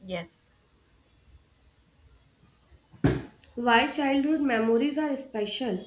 Yes. Why childhood memories are special?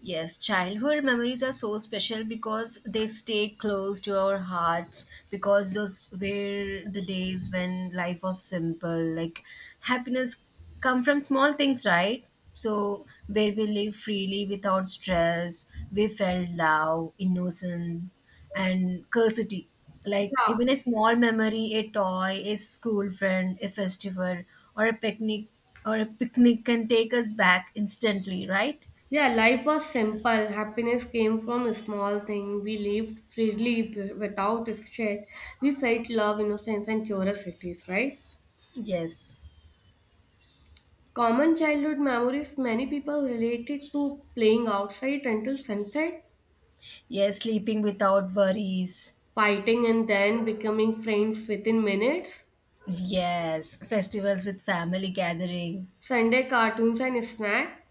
Yes, childhood memories are so special because they stay close to our hearts because those were the days when life was simple. Like happiness come from small things, right? So where we live freely without stress, we felt love, innocent and curiosity. Like Yeah. even a small memory, a toy, a school friend, a festival or a picnic or a picnic can take us back instantly, right? Yeah, life was simple. Happiness came from a small thing. We lived freely without stress. We felt love, innocence, and curiosities, right? Yes. Common childhood memories many people related to playing outside until sunset, Yes, sleeping without worries. fighting and then becoming friends within minutes, Yes, festivals with family gathering. Sunday cartoons and snack,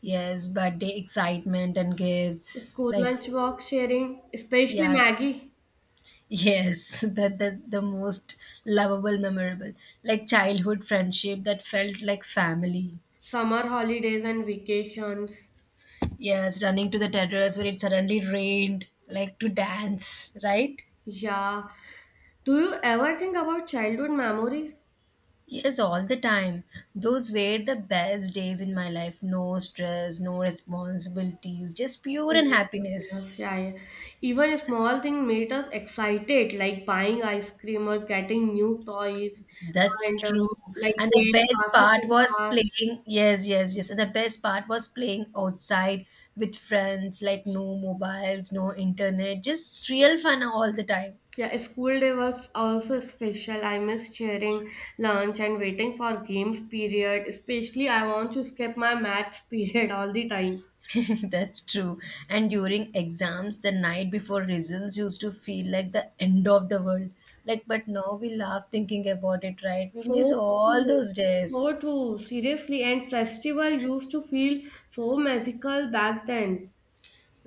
Yes, birthday excitement and gifts. school Like, lunch box sharing, especially yeah, Maggie, yes, that the most lovable, memorable. Like childhood friendship that felt like family. summer holidays and vacations. Yes, running to the terrace when it suddenly rained, like to dance, right? Yeah. Do you ever think about childhood memories? Yes, all the time. Those were the best days in my life. No stress, no responsibilities, just pure and Oh, happiness. happiness. Yeah, yeah. Even a small thing made us excited, like buying ice cream or getting new toys, That's and true. like And the playing best classes part in was class. playing. Yes, yes, yes. And the best part was playing outside with friends, like no mobiles, no internet, just real fun all the time. Yeah, school day was also special. I miss sharing lunch and waiting for games period. Especially, I want to skip my maths period all the time. That's true. And during exams, the night before results used to feel like the end of the world. Like, but now we laugh thinking about it, right? We miss So all true, those so days. true, seriously. And festival used to feel so magical back then.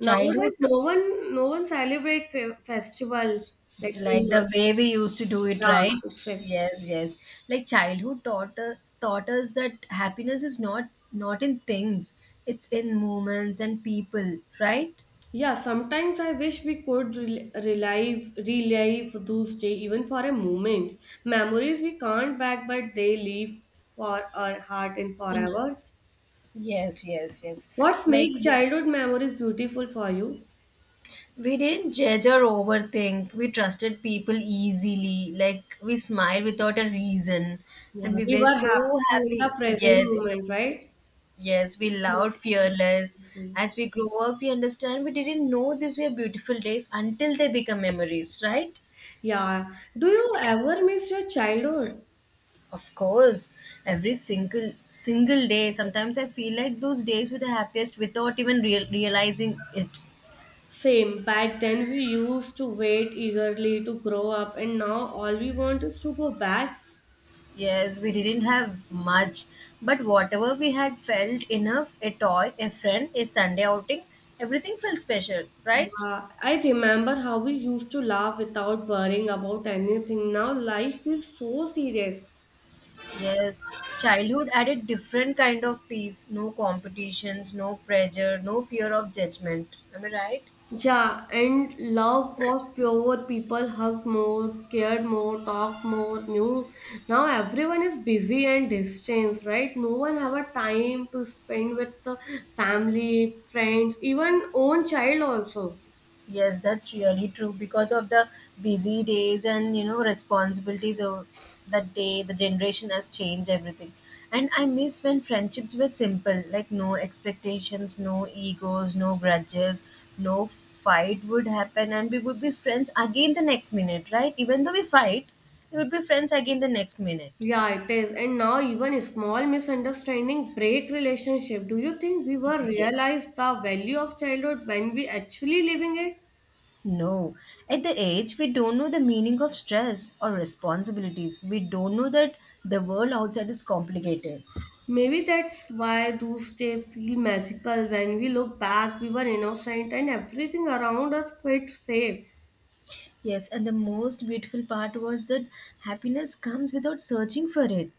Childhood, no one celebrate festival like like too the much. way we used to do it, Yeah, right? exactly. Yes, yes. Like childhood taught us that happiness is not in things; it's in moments and people, right? Yeah, sometimes I wish we could relive those days, even for a moment. Memories we can't back, but they live for our heart and In forever. Yes, yes, yes. What Like makes childhood memories beautiful for you? we didn't judge or overthink. We trusted people easily. Like we smiled without a reason, Yeah, and we we were were so happy in the happy. present Yes, in the, moment, right? yes, we loved fearless. As we grow up, we understand we didn't know these were beautiful days until they become memories, right? Yeah. Do you ever miss your childhood? Of course, every single day. Sometimes I feel like those days were the happiest without even realizing it. Same. Back then, we used to wait eagerly to grow up, and now all we want is to go back. Yes, we didn't have much, but whatever we had felt enough a toy, a friend, a Sunday outing everything felt special, right? I remember how we used to laugh without worrying about anything. Now life feels so serious. Yes, childhood added different kind of peace no competitions, no pressure, no fear of judgment. Am I right? Yeah, and love was pure. People hugged more, cared more, talked more, knew. Now everyone is busy and distanced, right? No one have a time to spend with the family, friends, even own child also. Yes, that's really true because of the busy days and you know responsibilities of that day, the generation has changed everything. And I miss when friendships were simple, like no expectations, no egos, no grudges, no fight would happen, and we would be friends again the next minute, right? Even though we fight, we would be friends again the next minute. Yeah, it is. And now even a small misunderstanding break relationship. Do you think we were Yeah. realized the value of childhood when we actually living it? No, at that age, we don't know the meaning of stress or responsibilities. We don't know that the world outside is complicated. Maybe that's why those days feel magical. When we look back, we were innocent and everything around us felt safe. Yes, and the most beautiful part was that happiness comes without searching for it.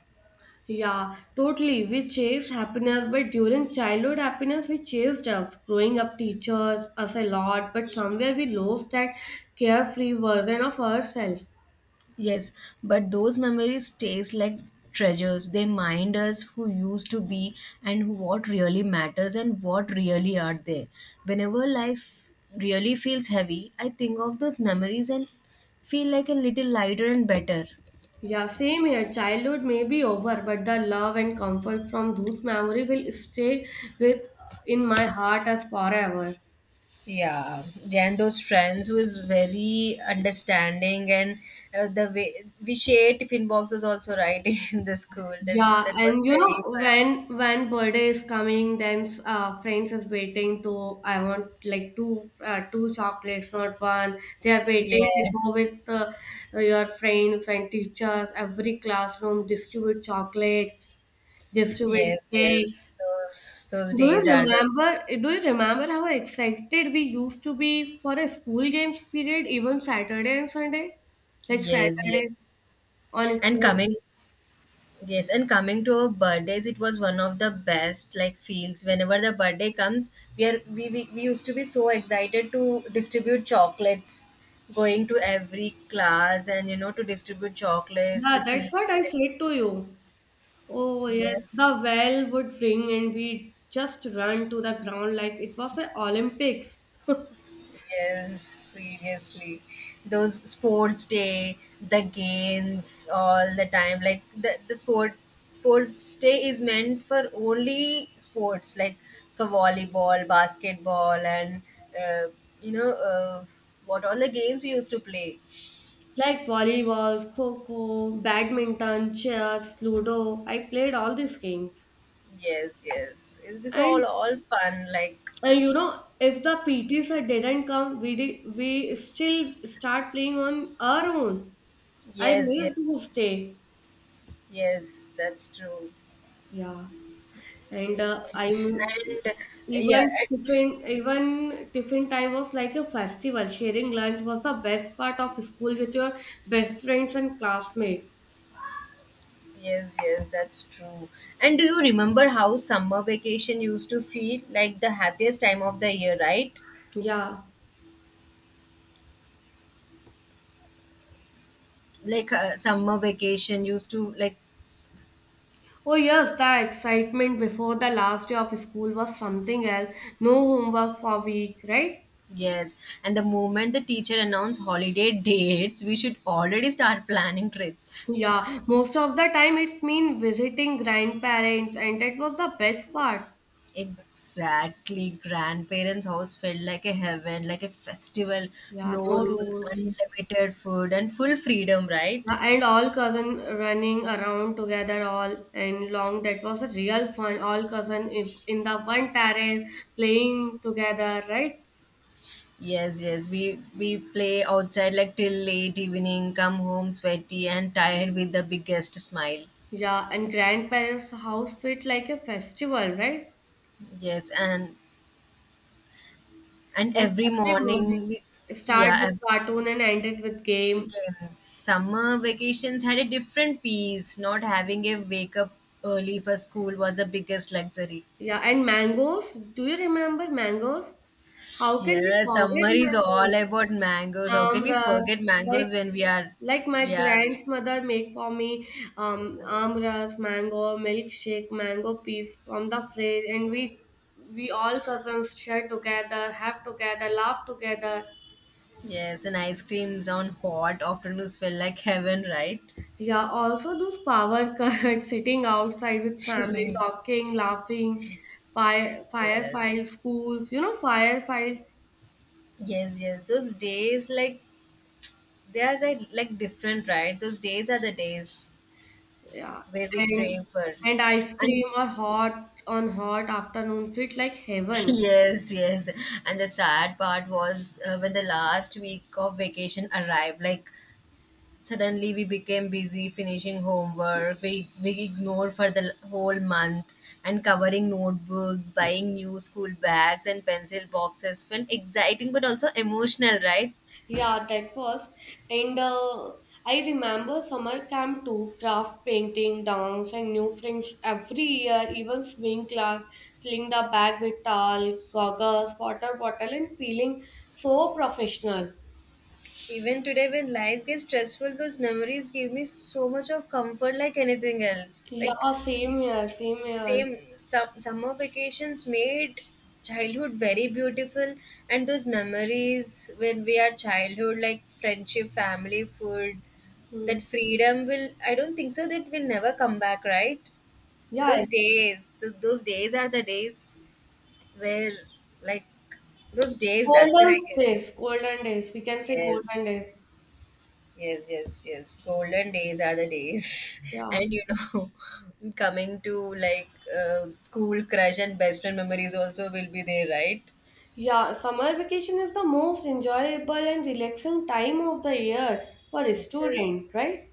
Yeah, totally. We chase happiness, but during childhood happiness, we chased us. Growing up teachers us a lot, but somewhere we lost that carefree version of ourselves. Yes, but those memories stays like treasures. They remind us who used to be and who- what really matters and what really are there. Whenever life really feels heavy, I think of those memories and feel like a little lighter and better. Yeah, same here. Childhood may be over, but the love and comfort from those memories will stay with in my heart as forever. Yeah, and those friends who is very understanding and the way we shared tiffin boxes also right in the school. That's Yeah, that was and you know very fun. when birthday is coming, then friends is waiting to I want like two two chocolates, not one. They are Yeah, waiting to go with your friends and teachers. Every classroom distribute chocolates, distribute yes, cake. yes. Those days are the Do you remember how excited we used to be for a school games period, even Saturday and Sunday, like yes, yes. Saturday on a And school coming day? yes, and coming to our birthdays, it was one of the best like feels. Whenever the birthday comes, we are we used to be so excited to distribute chocolates, going to every class and you know to distribute chocolates Yeah, with that's tea. what I said to you. Oh, yes, Yes. the bell would ring and we just run to the ground like it was the Olympics. Yes, seriously. Those sports day, the games all the time. Like the sports day is meant for only sports, like for volleyball, basketball, and uh, you know uh, what all the games we used to play. Like volleyball, kho-kho, badminton, chess, ludo. I played all these games. Yes, yes. This And, all fun. Like and you know, if the PT sir didn't come, we still start playing on our own. I yes, yes, missed those day. yes. That's true. Yeah. and I'm And yeah, even tiffin time was like a festival. Sharing lunch was the best part of school with your best friends and classmates. yes, yes, that's true. And do you remember how summer vacation used to feel like the happiest time of the year, right? Yeah. Like summer vacation used to like Oh yes, the excitement before the last day of school was something else. No homework for week, right? yes, and the moment the teacher announced holiday dates, we should already start planning trips. Yeah, most of the time it's mean visiting grandparents, and that was the best part. Exactly, grandparents' house felt like a heaven, like a festival, Yeah, no no rules, rules. unlimited food, and full freedom, right? And all cousin running around together all and long. That was a real fun. All cousin if in the one terrace playing together, right? Yes, yes. We play outside like till late evening, come home sweaty and tired with the biggest smile. Yeah, and grandparents' house felt like a festival, right? Yes, and And every every morning morning we, start yeah, with cartoon and end it with the game. games. Summer vacations had a different peace. Not having a wake up early for school was the biggest luxury. Yeah, and mangoes. Do you remember mangoes? How can we Yeah, forget summer is all mangoes? about mangoes. How can we Amras, forget like mangoes when Like my we are like grandmother made for me amras, mango, milkshake, mango piece from the fridge, and we all cousins share together, have together, laugh together. yes, and ice creams on hot afternoons felt like heaven, right? Yeah, also those power cut sitting outside with family, talking, laughing, fire Yes. files, schools, you know, fire files. Yes, yes. Those days, like they are like different, right? Those days are the days Yeah, where we and crave for, and ice and cream or hot on hot afternoon treat like heaven. yes, yes. And the sad part was when the last week of vacation arrived. Like suddenly we became busy finishing homework. We ignored for the whole month and covering notebooks, buying new school bags and pencil boxes felt exciting but also emotional, right? Yeah, that was. And I remember summer camp too, craft painting, dance, and new friends every year, even swimming class, filling the bag with towel, goggles, water bottle, and feeling so professional. Even today, when life gets stressful, those memories give me so much of comfort like anything else. Like, Yeah, same here, same here. same some summer vacations made childhood very beautiful, and those memories when we are childhood, like friendship, family, food, Hmm. that freedom will, I don't think so, that will never come back, right? Yeah, Those days, those days are the days where, like, those days, that's it, golden I guess. days, golden days. We can say Yes. golden days. Yes, yes, yes. Golden days are the days. Yeah. And you know, coming to like school crush and best friend memories also will be there, right? Yeah, summer vacation is the most enjoyable and relaxing time of the year for a Yes, student, right?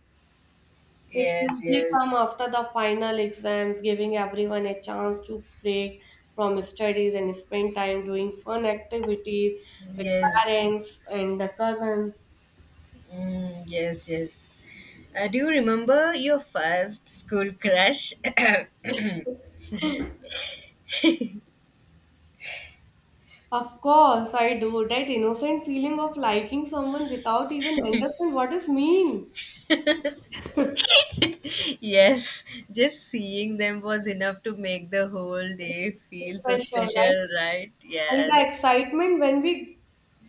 It's yes, usually come yes, after the final exams, giving everyone a chance to break from studies and spend time doing fun activities with yes, parents and the cousins. mm, yes, yes. Do you remember your first school crush? Of course, I do. That innocent feeling of liking someone without even understand what is mean. Yes, just seeing them was enough to make the whole day It's feel so special, right? special, right? And the Yes. excitement when we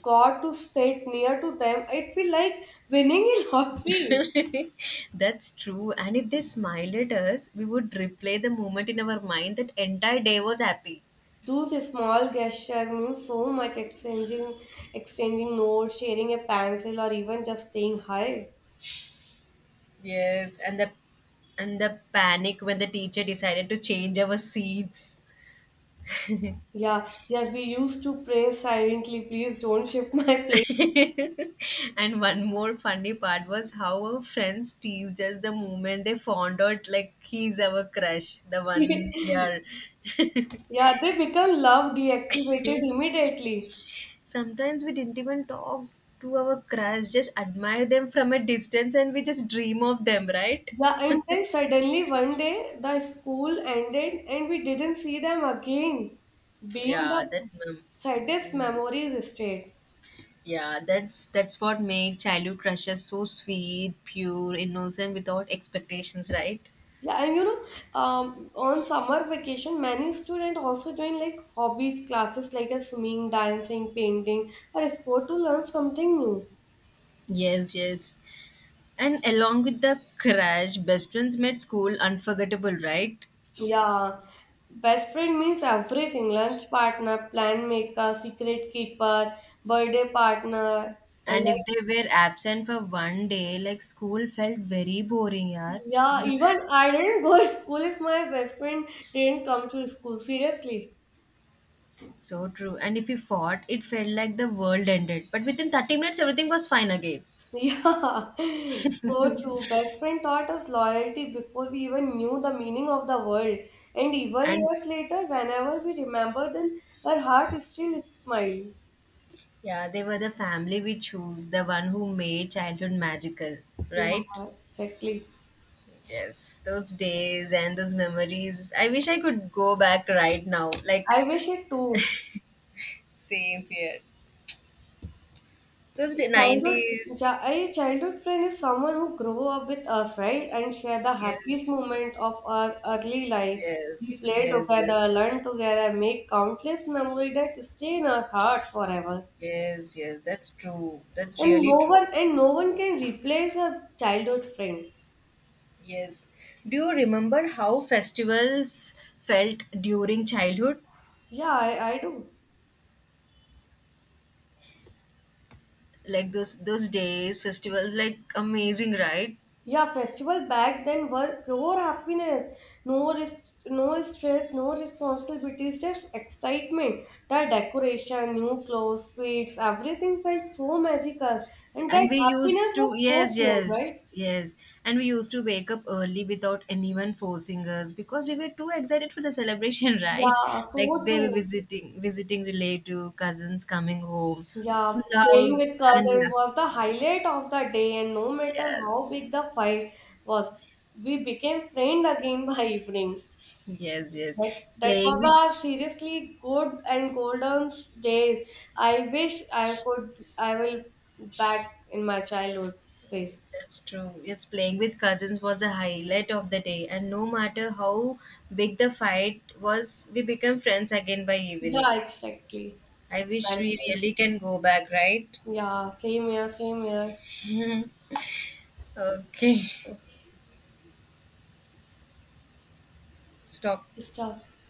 got to sit near to them, it feel like winning a lottery. That's true. And if they smiled at us, we would replay the moment in our mind that entire day was happy. Those small gestures mean so much exchanging notes, sharing a pencil, or even just saying hi. Yes, and the panic when the teacher decided to change our seats. Yeah, yes, we used to pray silently, please don't shift my place. And one more funny part was how our friends teased us the moment they found out like he's our crush, the one Yeah, year. they become love deactivated immediately. Sometimes we didn't even talk to our crush, just admire them from a distance and we just dream of them, right? Yeah, and then suddenly one day the school ended and we didn't see them again, being Yeah, the saddest memories stayed. yeah, that's what made childhood crushes so sweet, pure, innocent, without expectations, right? Yeah, and you know, on summer vacation, many students also join like hobbies classes like a swimming, dancing, painting, or a sport to learn something new. Yes, yes. And along with the crush, best friends made school unforgettable, right? Yeah, best friend means everything lunch partner, plan maker, secret keeper, birthday partner. And And like, if they were absent for one day, like school felt very boring, yeah. yeah, even I didn't go to school if my best friend didn't come to school. Seriously. So true. And if you fought, it felt like the world ended. But within 30 minutes, everything was fine again. Yeah, so true. Best friend taught us loyalty before we even knew the meaning of the word. And even And years later, whenever we remember them, her heart still smiles. yeah, they were the family we choose, the one who made childhood magical, right? Yeah, exactly. Yes, those days and those memories. I wish I could go back right now. Like, I wish it too. same here. Those A day, childhood, 90s. yeah, a childhood friend is someone who grew up with us, right? And share the happiest Yes, moment of our early life. We yes, play yes, together, yes, learn together, make countless memories that stay in our heart forever. yes, yes. That's true. That's And really true. No one can replace a childhood friend. Yes. Do you remember how festivals felt during childhood? Yeah, I do. Like those days, festivals, like amazing, right? Yeah, festival back then were pure happiness. No risk, no stress, no responsibilities, just excitement. The decoration, new clothes, sweets, everything felt so magical. And And that we used happiness to, was so yes, pure, yes, right? yes. And we used to wake up early without anyone forcing us because we were too excited for the celebration, right? Yeah, Like so they were true. Visiting relative, cousins coming home, Yeah, full playing with house, and cousins was the highlight of the day, and no matter how yes, big the fight was, we became friends again by evening. yes, yes. That Playing with, was a seriously good and golden days. I wish I will back in my childhood phase. that's true. Yes, playing with cousins was the highlight of the day. And no matter how big the fight was, we became friends again by evening. Yeah, exactly. I wish we Grandson. really can go back, right? Yeah, same here, same here. Okay, Okay, stop. stop.